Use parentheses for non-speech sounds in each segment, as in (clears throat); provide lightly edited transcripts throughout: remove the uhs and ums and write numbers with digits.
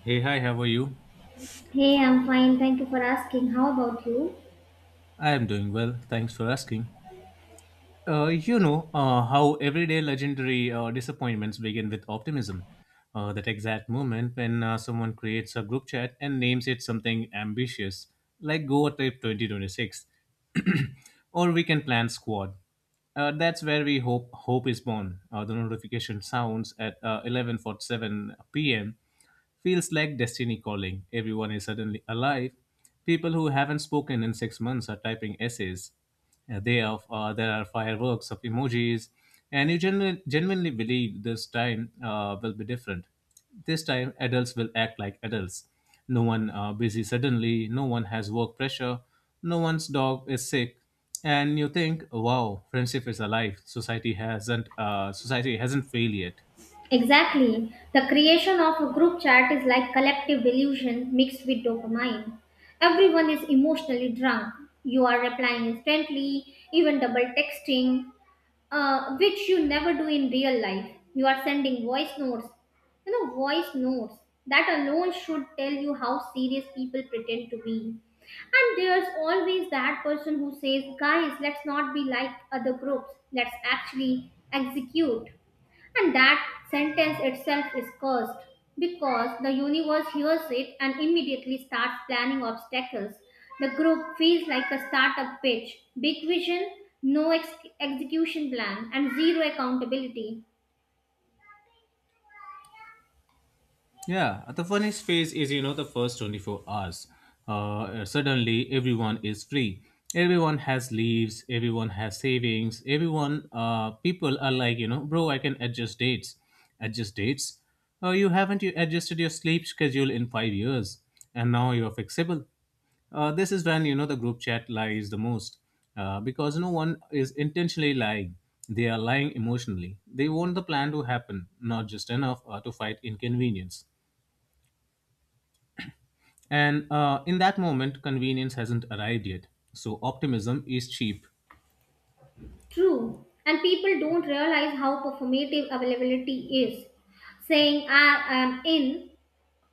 Hey, hi, how are you? Hey, I'm fine. Thank you for asking. How about you? I am doing well. Thanks for asking. How everyday legendary disappointments begin with optimism. That exact moment when someone creates a group chat and names it something ambitious, like Goa Trip 2026, (clears throat) or we can plan squad. That's where we hope is born. The notification sounds at 11:47 p.m. Feels like destiny calling. Everyone is suddenly alive. People who haven't spoken in 6 months are typing essays. They are, there are fireworks of emojis, and you genuinely believe this time will be different. This time, adults will act like adults. No one busy suddenly. No one has work pressure. No one's dog is sick, and you think, "Wow, friendship is alive. Society hasn't. Society hasn't failed yet." Exactly. The creation of a group chat is like collective delusion mixed with dopamine. Everyone is emotionally drunk. You are replying instantly, even double texting, which you never do in real life. You are sending voice notes. You know, voice notes. That alone should tell you how serious people pretend to be. And there's always that person who says, guys, let's not be like other groups. Let's actually execute. And that sentence itself is cursed because the universe hears it and immediately starts planning obstacles. The group feels like a startup pitch big vision, no execution plan, and zero accountability. Yeah, the funniest phase is, you know, the first 24 hours. Suddenly, everyone is free. Everyone has leaves. Everyone has savings. Everyone, people are like, you know, bro, I can adjust dates. Adjust dates? You haven't you adjusted your sleep schedule in 5 years, and now you're flexible. This is when you know the group chat lies the most because no one is intentionally lying. They are lying emotionally. They want the plan to happen, not just enough to fight inconvenience. And in that moment, convenience hasn't arrived yet. So optimism is cheap. True, and people don't realize how performative availability is. Saying I am in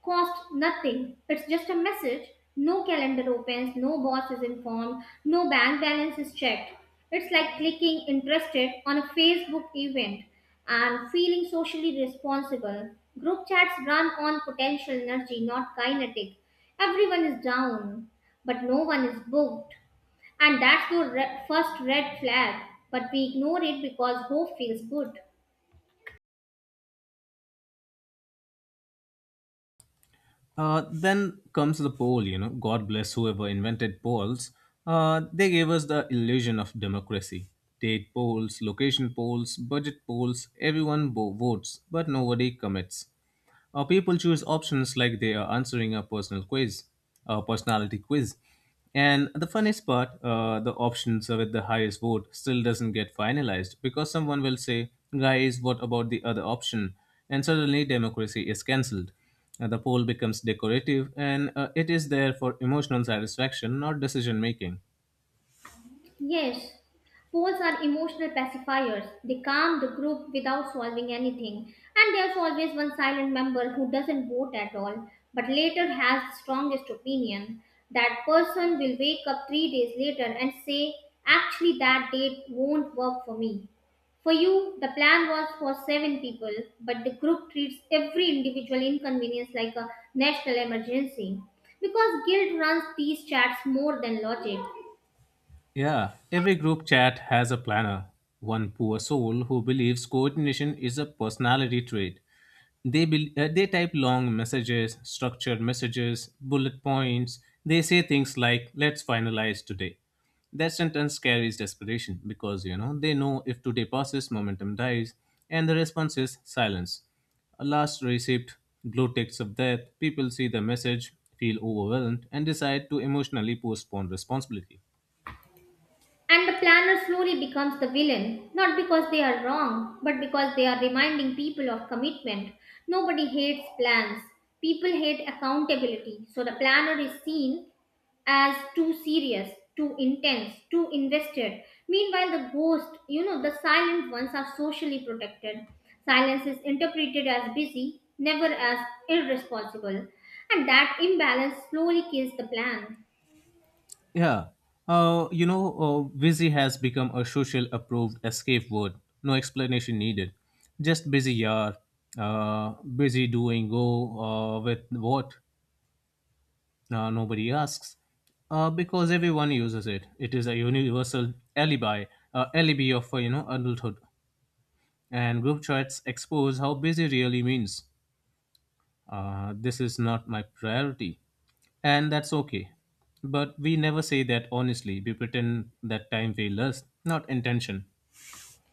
cost nothing. It's just a message. No calendar opens, no boss is informed, no bank balance is checked. It's like clicking interested on a Facebook event and feeling socially responsible. Group chats run on potential energy, not kinetic. Everyone is down, but no one is booked. And that's the first red flag, but we ignore it because hope feels good. Then comes the poll, you know, God bless whoever invented polls. They gave us the illusion of democracy. Date polls, location polls, budget polls, votes, but nobody commits. People choose options like they are answering a personal quiz, a personality quiz. And the funniest part, the options with the highest vote still doesn't get finalized because someone will say, guys, what about the other option? And suddenly democracy is cancelled. The pole becomes decorative and it is there for emotional satisfaction, not decision making. Yes, polls are emotional pacifiers. They calm the group without solving anything. And there's always one silent member who doesn't vote at all, but later has the strongest opinion. That person will wake up 3 days later and say, Actually, that date won't work for me. For you, the plan was for seven people, but the group treats every individual inconvenience like a national emergency. Because guilt runs these chats more than logic. Yeah, every group chat has a planner. One poor soul who believes coordination is a personality trait. They bel they type long messages, structured messages, bullet points. They say things like "Let's finalize today." That sentence carries desperation because you know they know if today passes, momentum dies, and the response is silence. A last receipt, blue ticks of death. People see the message, feel overwhelmed, and decide to emotionally postpone responsibility. And the planner slowly becomes the villain, not because they are wrong, but because they are reminding people of commitment. Nobody hates plans, people hate accountability. So the planner is seen as too serious, too intense, too invested. Meanwhile, the ghost, the silent ones are socially protected. Silence is interpreted as busy, never as irresponsible. And that imbalance slowly kills the plan. Yeah. You know, busy has become a social approved escape word. No explanation needed. Just busy, yaar. Busy doing go With what? Nobody asks. Because everyone uses it. It is a universal alibi, alibi of you know adulthood. And group chats expose how busy really means. This is not my priority. And that's okay. But we never say that honestly. We pretend that time failed us, not intention.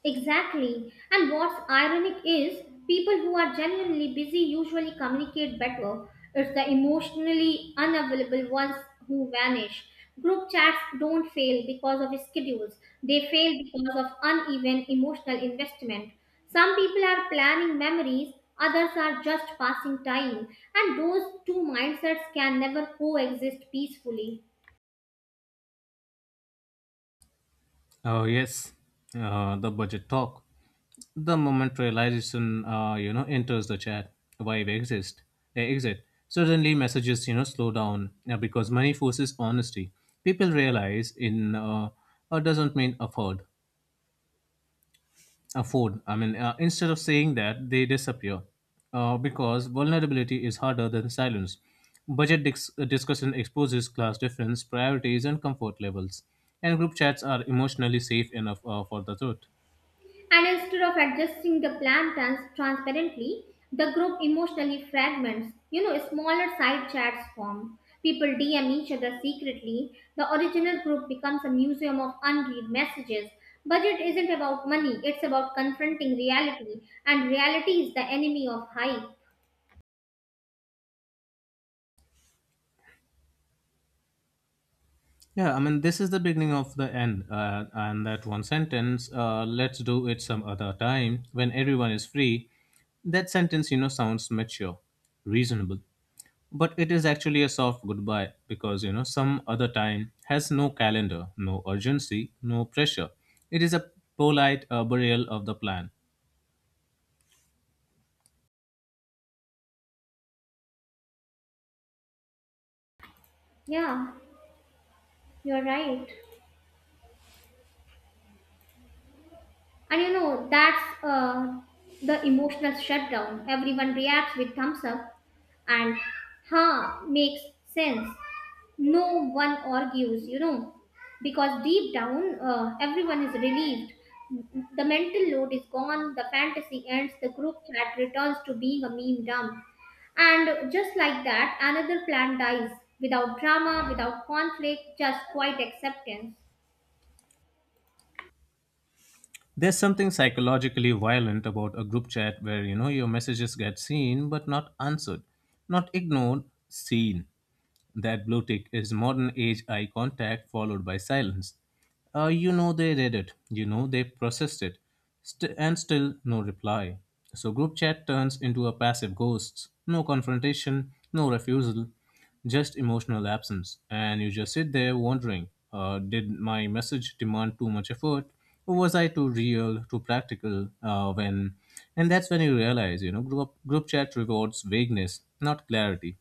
Exactly. And what's ironic is people who are genuinely busy usually communicate better. It's the emotionally unavailable ones who vanish. Group chats don't fail because of schedules, they fail because of uneven emotional investment. Some people are planning memories, others are just passing time, and those two mindsets can never coexist peacefully. Oh, yes, the budget talk. The moment realization, you know, enters the chat, why we exist, they exit. Suddenly, messages, you know, slow down because money forces honesty. People realize in Doesn't mean afford. Afford. I mean, instead of saying that, they disappear because vulnerability is harder than silence. Budget dis- discussion exposes class difference, priorities, and comfort levels. And group chats are emotionally safe enough for the truth. And instead of adjusting the plan transparently, the group emotionally fragments. Smaller side chats form. People DM each other secretly. The original group becomes a museum of unread messages. Budget isn't about money, it's about confronting reality, and reality is the enemy of hype. Yeah, I mean, this is the beginning of the end. And that one sentence, let's do it some other time when everyone is free, that sentence, you know, sounds mature, reasonable, but it is actually a soft goodbye because you know some other time has no calendar, no urgency, no pressure. It is a polite burial of the plan. Yeah, you're right. And that's the emotional shutdown. Everyone reacts with thumbs up and huh makes sense. No one argues, because deep down everyone is relieved. The mental load is gone, the fantasy ends, the group chat returns to being a meme dump. And just like that, another plan dies without drama, without conflict, just quiet acceptance. There's something psychologically violent about a group chat where you know your messages get seen but not answered, not ignored, seen. That blue tick is modern age eye contact followed by silence. You know they read it, you know they processed it, and still no reply. So group chat turns into a passive ghost. No confrontation, no refusal, just emotional absence. And you just sit there wondering did my message demand too much effort? Or was I too real, too practical? And that's when you realize, you know, group chat rewards vagueness, not clarity.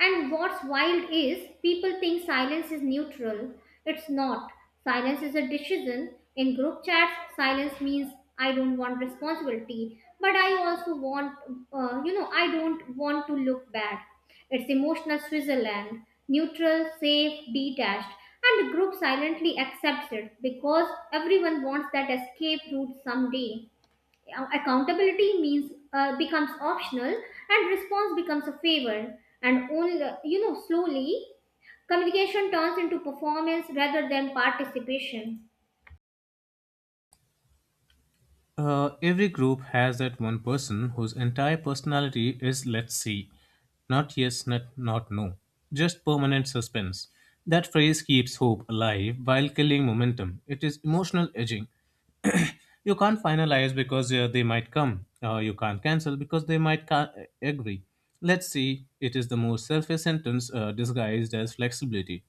And what's wild is people think silence is neutral. It's not. Silence is a decision. In group chats, silence means I don't want responsibility, but I also want, I don't want to look bad. It's emotional Switzerland, neutral, safe, detached, and the group silently accepts it because everyone wants that escape route someday. Accountability means becomes optional and response becomes a favor and only slowly communication turns into performance rather than participation. Every group has that one person whose entire personality is let's see. Not yes, not no. Just permanent suspense. That phrase keeps hope alive while killing momentum. It is emotional edging. You can't finalize because they might come. You can't cancel because they might agree. Let's see, it is the most selfish sentence disguised as flexibility.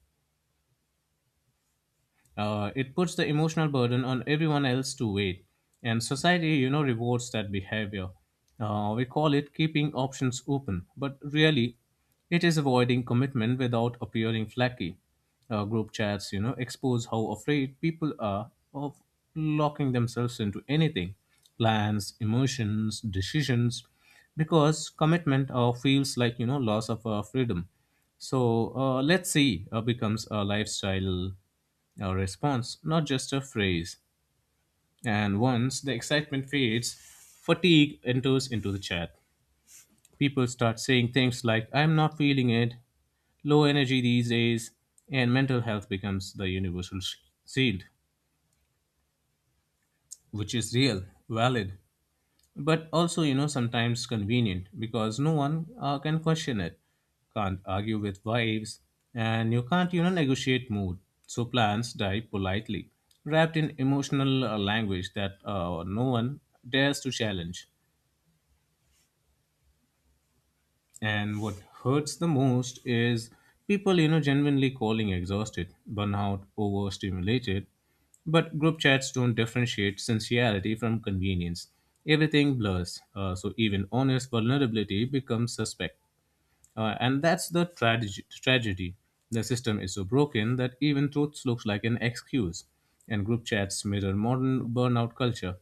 It puts the emotional burden on everyone else to wait, and society, you know, rewards that behavior. We call it keeping options open, but really, it is avoiding commitment without appearing flaky. Group chats, you know, expose how afraid people are of locking themselves into anything: plans, emotions, decisions, because commitment feels like, you know, loss of freedom. So let's see, becomes a lifestyle, a response, not just a phrase. And once the excitement fades, fatigue enters into the chat. People start saying things like, I'm not feeling it, low energy these days, and mental health becomes the universal sh- shield, which is real, valid, but also you know sometimes convenient because no one can question it, can't argue with wives, and you can't you know negotiate mood. So plans die politely, wrapped in emotional language that no one dares to challenge. And what hurts the most is people, you know, genuinely calling exhausted, burnout, overstimulated. But group chats don't differentiate sincerity from convenience. Everything blurs. So even honest vulnerability becomes suspect. And that's the tragedy. Tragedy. The system is so broken that even truth looks like an excuse. And group chats mirror modern burnout culture.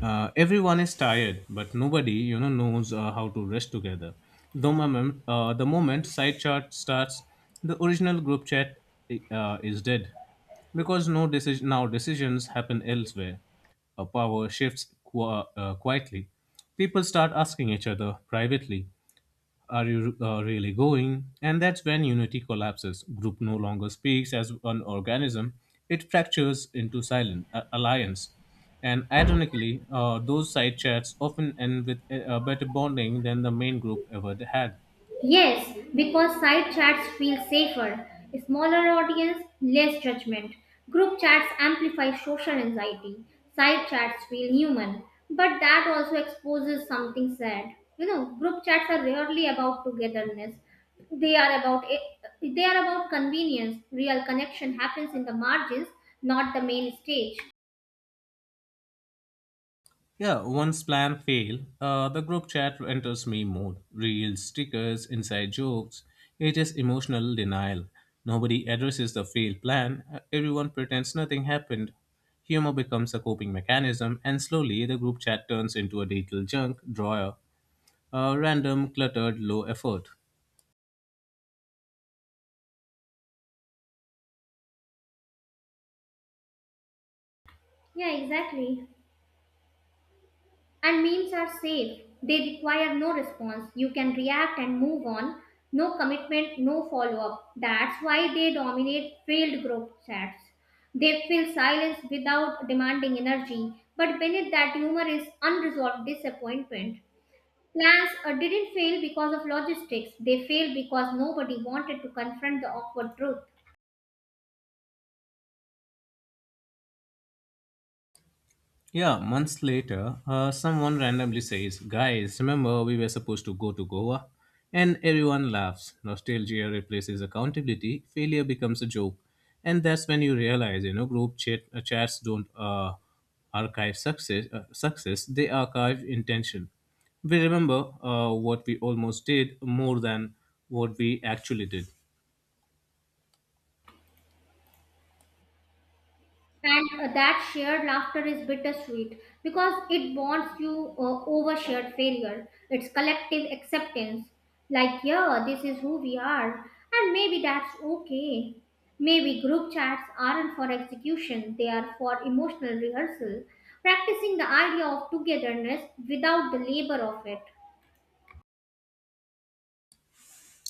Everyone is tired, but nobody, you know, knows how to rest together. The moment side chat starts, the original group chat is dead because no decision now decisions happen elsewhere. Power shifts quietly. People start asking each other privately, are you really going? And that's when unity collapses. Group no longer speaks as one organism, it fractures into silent alliance. And ironically, those side chats often end with a better bonding than the main group ever had. Yes, because side chats feel safer, smaller audience, less judgment. Group chats amplify social anxiety. Side chats feel human, but that also exposes something sad. Group chats are rarely about togetherness. They are about they are about convenience. Real connection happens in the margins, not the main stage. Yeah, once plan fail, the group chat enters me mode. Reels, stickers, inside jokes. It is emotional denial. Nobody addresses the failed plan. Everyone pretends nothing happened. Humor becomes a coping mechanism, and slowly the group chat turns into a digital junk drawer, a random, cluttered, low effort. Yeah, exactly. And memes are safe. They require no response. You can react and move on. No commitment, no follow up. That's why they dominate failed group chats. They fill silence without demanding energy, but beneath that humor is unresolved disappointment. Plans didn't fail because of logistics, they failed because nobody wanted to confront the awkward truth. Yeah, months later, someone randomly says, guys, remember we were supposed to go to Goa? And everyone laughs. Nostalgia replaces accountability, failure becomes a joke. And that's when you realize, you know, chats don't archive success, they archive intention. We remember what we almost did more than what we actually did. And that shared laughter is bittersweet because it bonds you over shared failure. It's collective acceptance. Like, yeah, this is who we are. And maybe that's okay. Maybe group chats aren't for execution, they are for emotional rehearsal, practicing the idea of togetherness without the labor of it.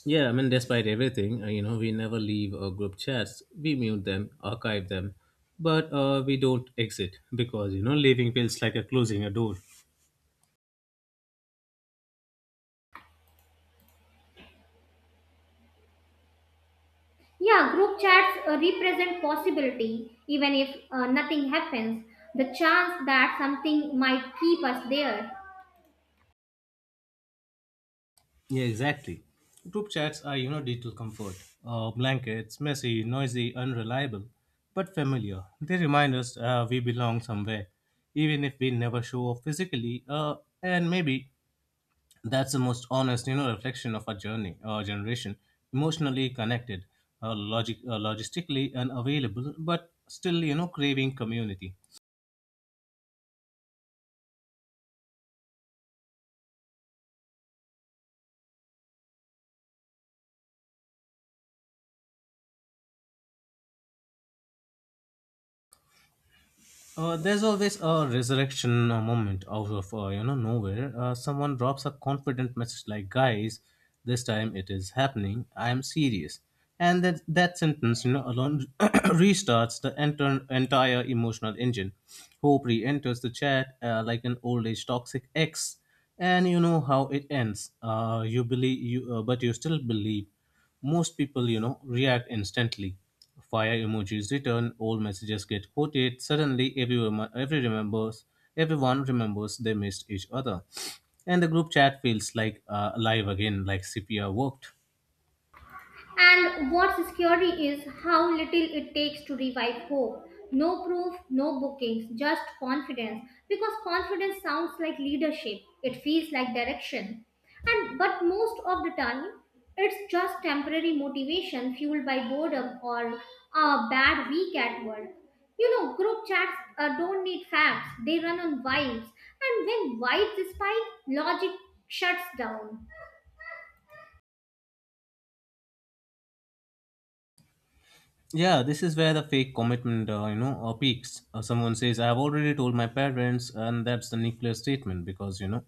Yeah, I mean, despite everything, we never leave group chats. We mute them, archive them, but we don't exit because, you know, leaving feels like a closing a door. Yeah, group chats represent possibility, even if nothing happens, the chance that something might keep us there. Yeah, exactly. Group chats are, you know, digital comfort. Blankets, messy, noisy, unreliable, but familiar. They remind us we belong somewhere, even if we never show up physically, and maybe that's the most honest you know reflection of our journey, our generation: emotionally connected, logic logistically unavailable, but still you know craving community. There's always a resurrection moment out of you know nowhere. Someone drops a confident message like, "Guys, this time it is happening. I am serious." And that sentence, you know, alone (coughs) (clears throat) restarts the entire emotional engine. Hope re-enters the chat like an old age toxic ex, and you know how it ends. But you still believe. Most people, you know, react instantly. Fire emojis return, old messages get quoted. Suddenly, everyone, every remembers, Everyone remembers they missed each other, and the group chat feels like alive again, like CPR worked. And what's scary is how little it takes to revive hope. No proof, no bookings, just confidence. Because confidence sounds like leadership, it feels like direction. And but most of the time, it's just temporary motivation fueled by boredom or a bad week at work. Group chats don't need facts, they run on vibes. And when vibes spike, logic shuts down. Yeah, this is where the fake commitment, peaks. Someone says, "I have already told my parents," and that's the nuclear statement because you know,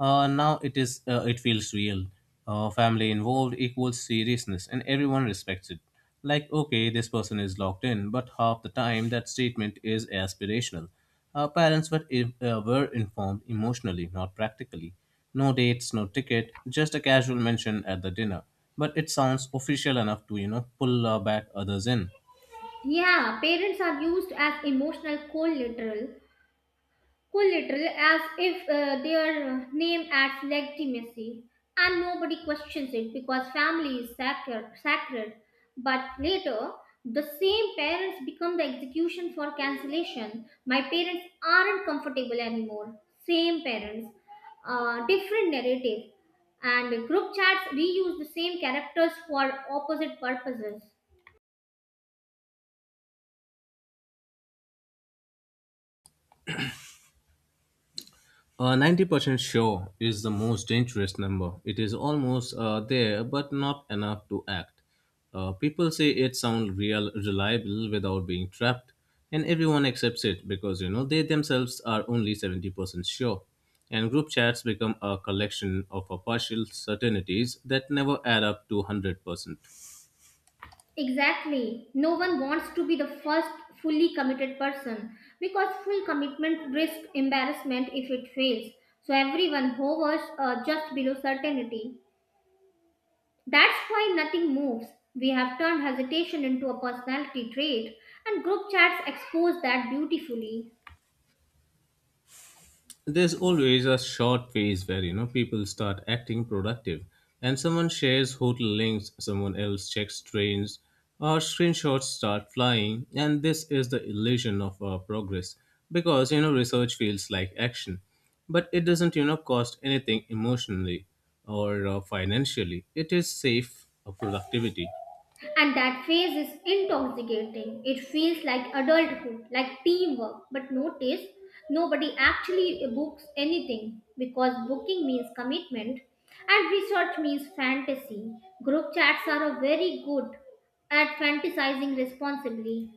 now it is it feels real. Family involved equals seriousness, and everyone respects it. Like, okay, this person is locked in, but half the time that statement is aspirational. Our parents were informed emotionally, not practically. No dates, no ticket, just a casual mention at the dinner, but it sounds official enough to pull back others in. Yeah, parents are used as emotional collateral, as if their name adds legitimacy, and nobody questions it because family is sacred. But later the same parents become the execution for cancellation. My parents aren't comfortable anymore. Same parents, different narrative, and group chats reuse the same characters for opposite purposes. 90% sure is the most dangerous number. It is almost there but not enough to act. People say it sounds real, reliable without being trapped, and everyone accepts it because they themselves are only 70% sure, and group chats become a collection of partial certainties that never add up to 100%. Exactly. No one wants to be the first fully committed person because full commitment risks embarrassment if it fails. So everyone hovers just below certainty. That's why nothing moves. We have turned hesitation into a personality trait, and group chats expose that beautifully. There's always a short phase where people start acting productive, and someone shares hotel links, someone else checks trains, or screenshots start flying, and this is the illusion of progress, because research feels like action, but it doesn't cost anything emotionally or financially. It is safe productivity. And that phase is intoxicating. It feels like adulthood, like teamwork. But notice, nobody actually books anything because booking means commitment and research means fantasy. Group chats are a very good at fantasizing responsibly.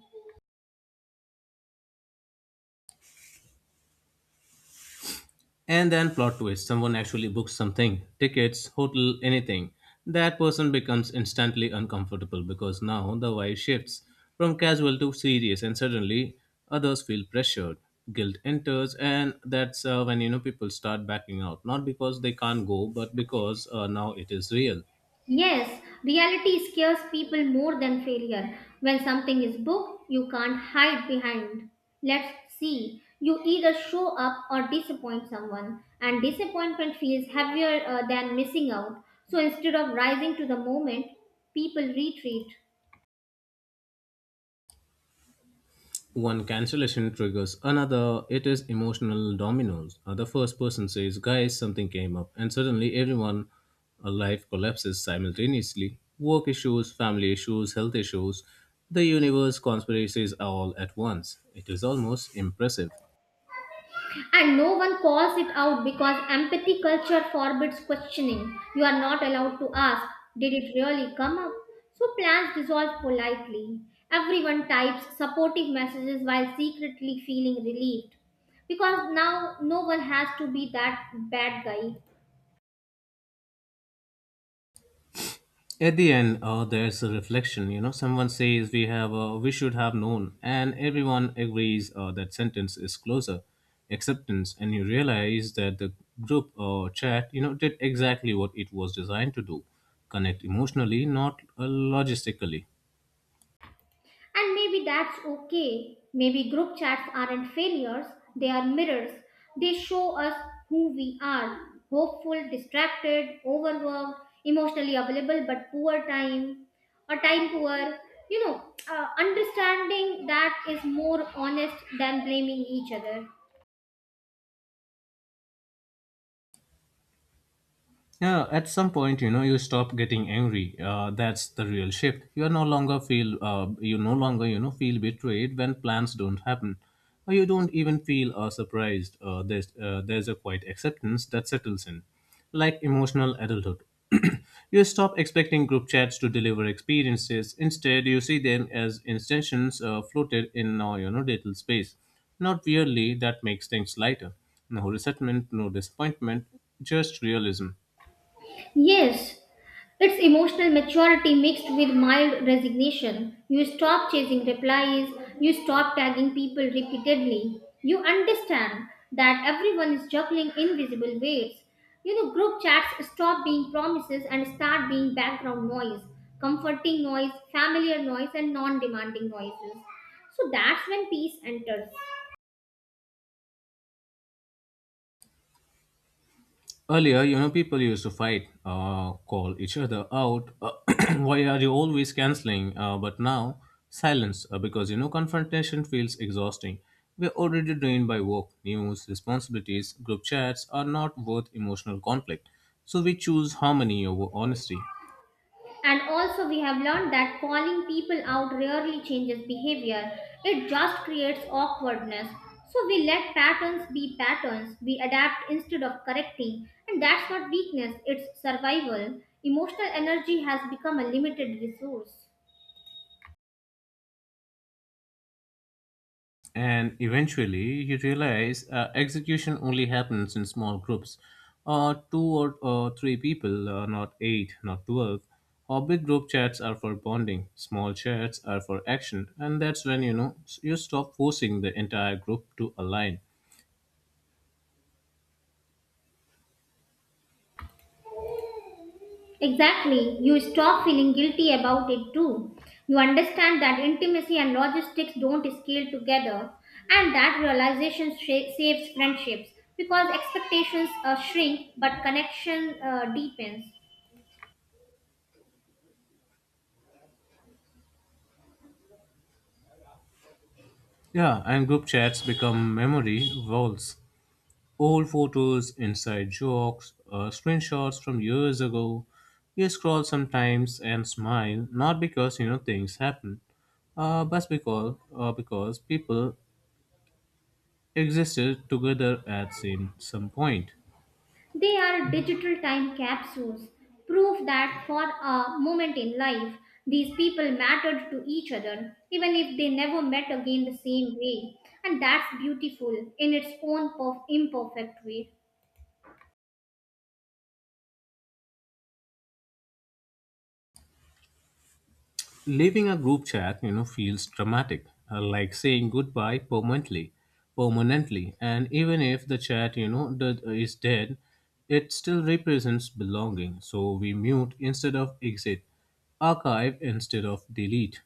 And then, plot twist, someone actually books something: tickets, hotel, anything. That person becomes instantly uncomfortable because now the vibe shifts from casual to serious, and suddenly others feel pressured. Guilt enters, and that's when people start backing out, not because they can't go, but because now it is real. Yes, reality scares people more than failure. When something is booked, you can't hide behind. Let's see. You either show up or disappoint someone, and disappointment feels heavier than missing out. So instead of rising to the moment, people retreat. One cancellation triggers another. It is emotional dominoes. The first person says, "Guys, something came up," and suddenly everyone, life collapses simultaneously: work issues, family issues, health issues, the universe conspiracies, all at once. It is almost impressive. And no one calls it out because empathy culture forbids questioning. You are not allowed to ask, Did it really come up? So plans dissolve politely. Everyone types supportive messages while secretly feeling relieved because now no one has to be that bad guy. At the end, there's a reflection. Someone says, We should have known," and everyone agrees. That sentence is closer acceptance, and you realize that the group chat did exactly what it was designed to do: connect emotionally, not logistically. And maybe that's okay. Maybe group chats aren't failures, they are mirrors. They show us who we are hopeful, distracted, overworked, emotionally available but poor time, or time poor. Understanding that is more honest than blaming each other. Yeah, at some point, you stop getting angry. That's the real shift. You are no longer feel, you no longer, you know, feel betrayed when plans don't happen, or you don't even feel surprised. There's a quiet acceptance that settles in, like emotional adulthood. (clears throat) You stop expecting group chats to deliver experiences. Instead, you see them as extensions floated in our, little space. Not weirdly, that makes things lighter. No resentment, no disappointment, just realism. Yes, it's emotional maturity mixed with mild resignation. You stop chasing replies, you stop tagging people repeatedly. You understand that everyone is juggling invisible weights. Group chats stop being promises and start being background noise, comforting noise, familiar noise, and non demanding noises. So that's when peace enters. Earlier, people used to fight, call each other out. (clears throat) Why are you always canceling? But now, silence, because confrontation feels exhausting. We're already drained by work, news, responsibilities. Group chats are not worth emotional conflict. So we choose harmony over honesty. And also, we have learned that calling people out rarely changes behavior, it just creates awkwardness. So, we let patterns be patterns, we adapt instead of correcting, and that's not weakness, it's survival. Emotional energy has become a limited resource. And eventually, you realize execution only happens in small groups, two or three people, not eight, not 12. Or big group chats are for bonding, small chats are for action, and that's when you stop forcing the entire group to align. Exactly. You stop feeling guilty about it too. You understand that intimacy and logistics don't scale together, and that realization saves friendships because expectations shrink but connection deepens. Yeah, and group chats become memory vaults. Old photos, inside jokes, screenshots from years ago. You scroll sometimes and smile, not because things happen, but because people existed together at some point. They are digital time capsules, proof that for a moment in life, these people mattered to each other, even if they never met again the same way. And that's beautiful in its own imperfect way. Leaving a group chat, feels dramatic, like saying goodbye permanently, permanently. And even if the chat, is dead, it still represents belonging. So we mute instead of exit, archive instead of delete.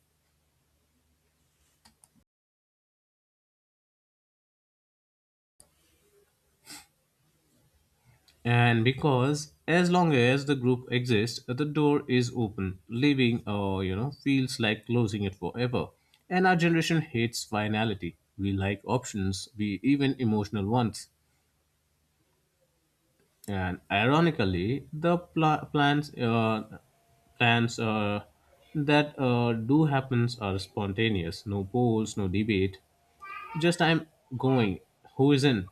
And because as long as the group exists, the door is open. Leaving, feels like closing it forever. And our generation hates finality. We like options, we even emotional ones. And ironically, the pla- plans, plans that do happens are spontaneous. No polls, no debate. Just, I'm going. Who is in?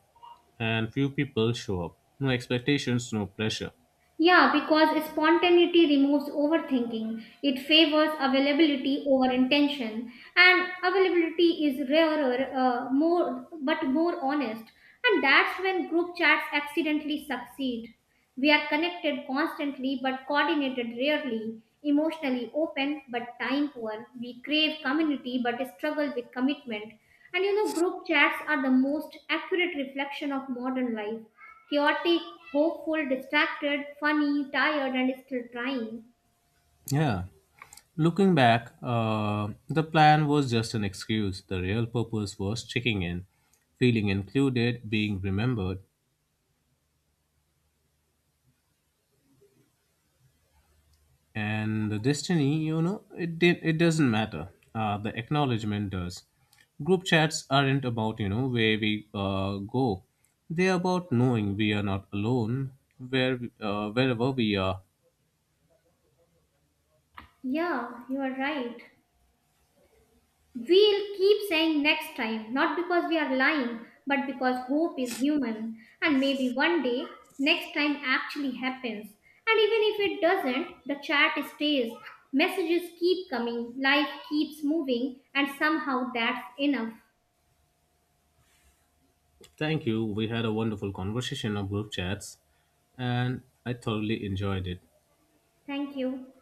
And few people show up. No expectations, no pressure. Yeah, because spontaneity removes overthinking. It favors availability over intention, and availability is rarer, more but more honest. And that's when group chats accidentally succeed. We are connected constantly but coordinated rarely, emotionally open but time poor. We crave community but struggle with commitment. And group chats are the most accurate reflection of modern life chaotic, hopeful, distracted, funny, tired, and still trying. Yeah. Looking back, the plan was just an excuse. The real purpose was checking in, feeling included, being remembered, and the destiny. It doesn't matter. The acknowledgement does. Group chats aren't about where we go. They're about knowing we are not alone, wherever we are. Yeah, you are right. We'll keep saying next time, not because we are lying, but because hope is human, and maybe one day next time actually happens. And even if it doesn't, the chat stays, messages keep coming, life keeps moving, and somehow that's enough. Thank you. We had a wonderful conversation of group chats, and I thoroughly enjoyed it. Thank you.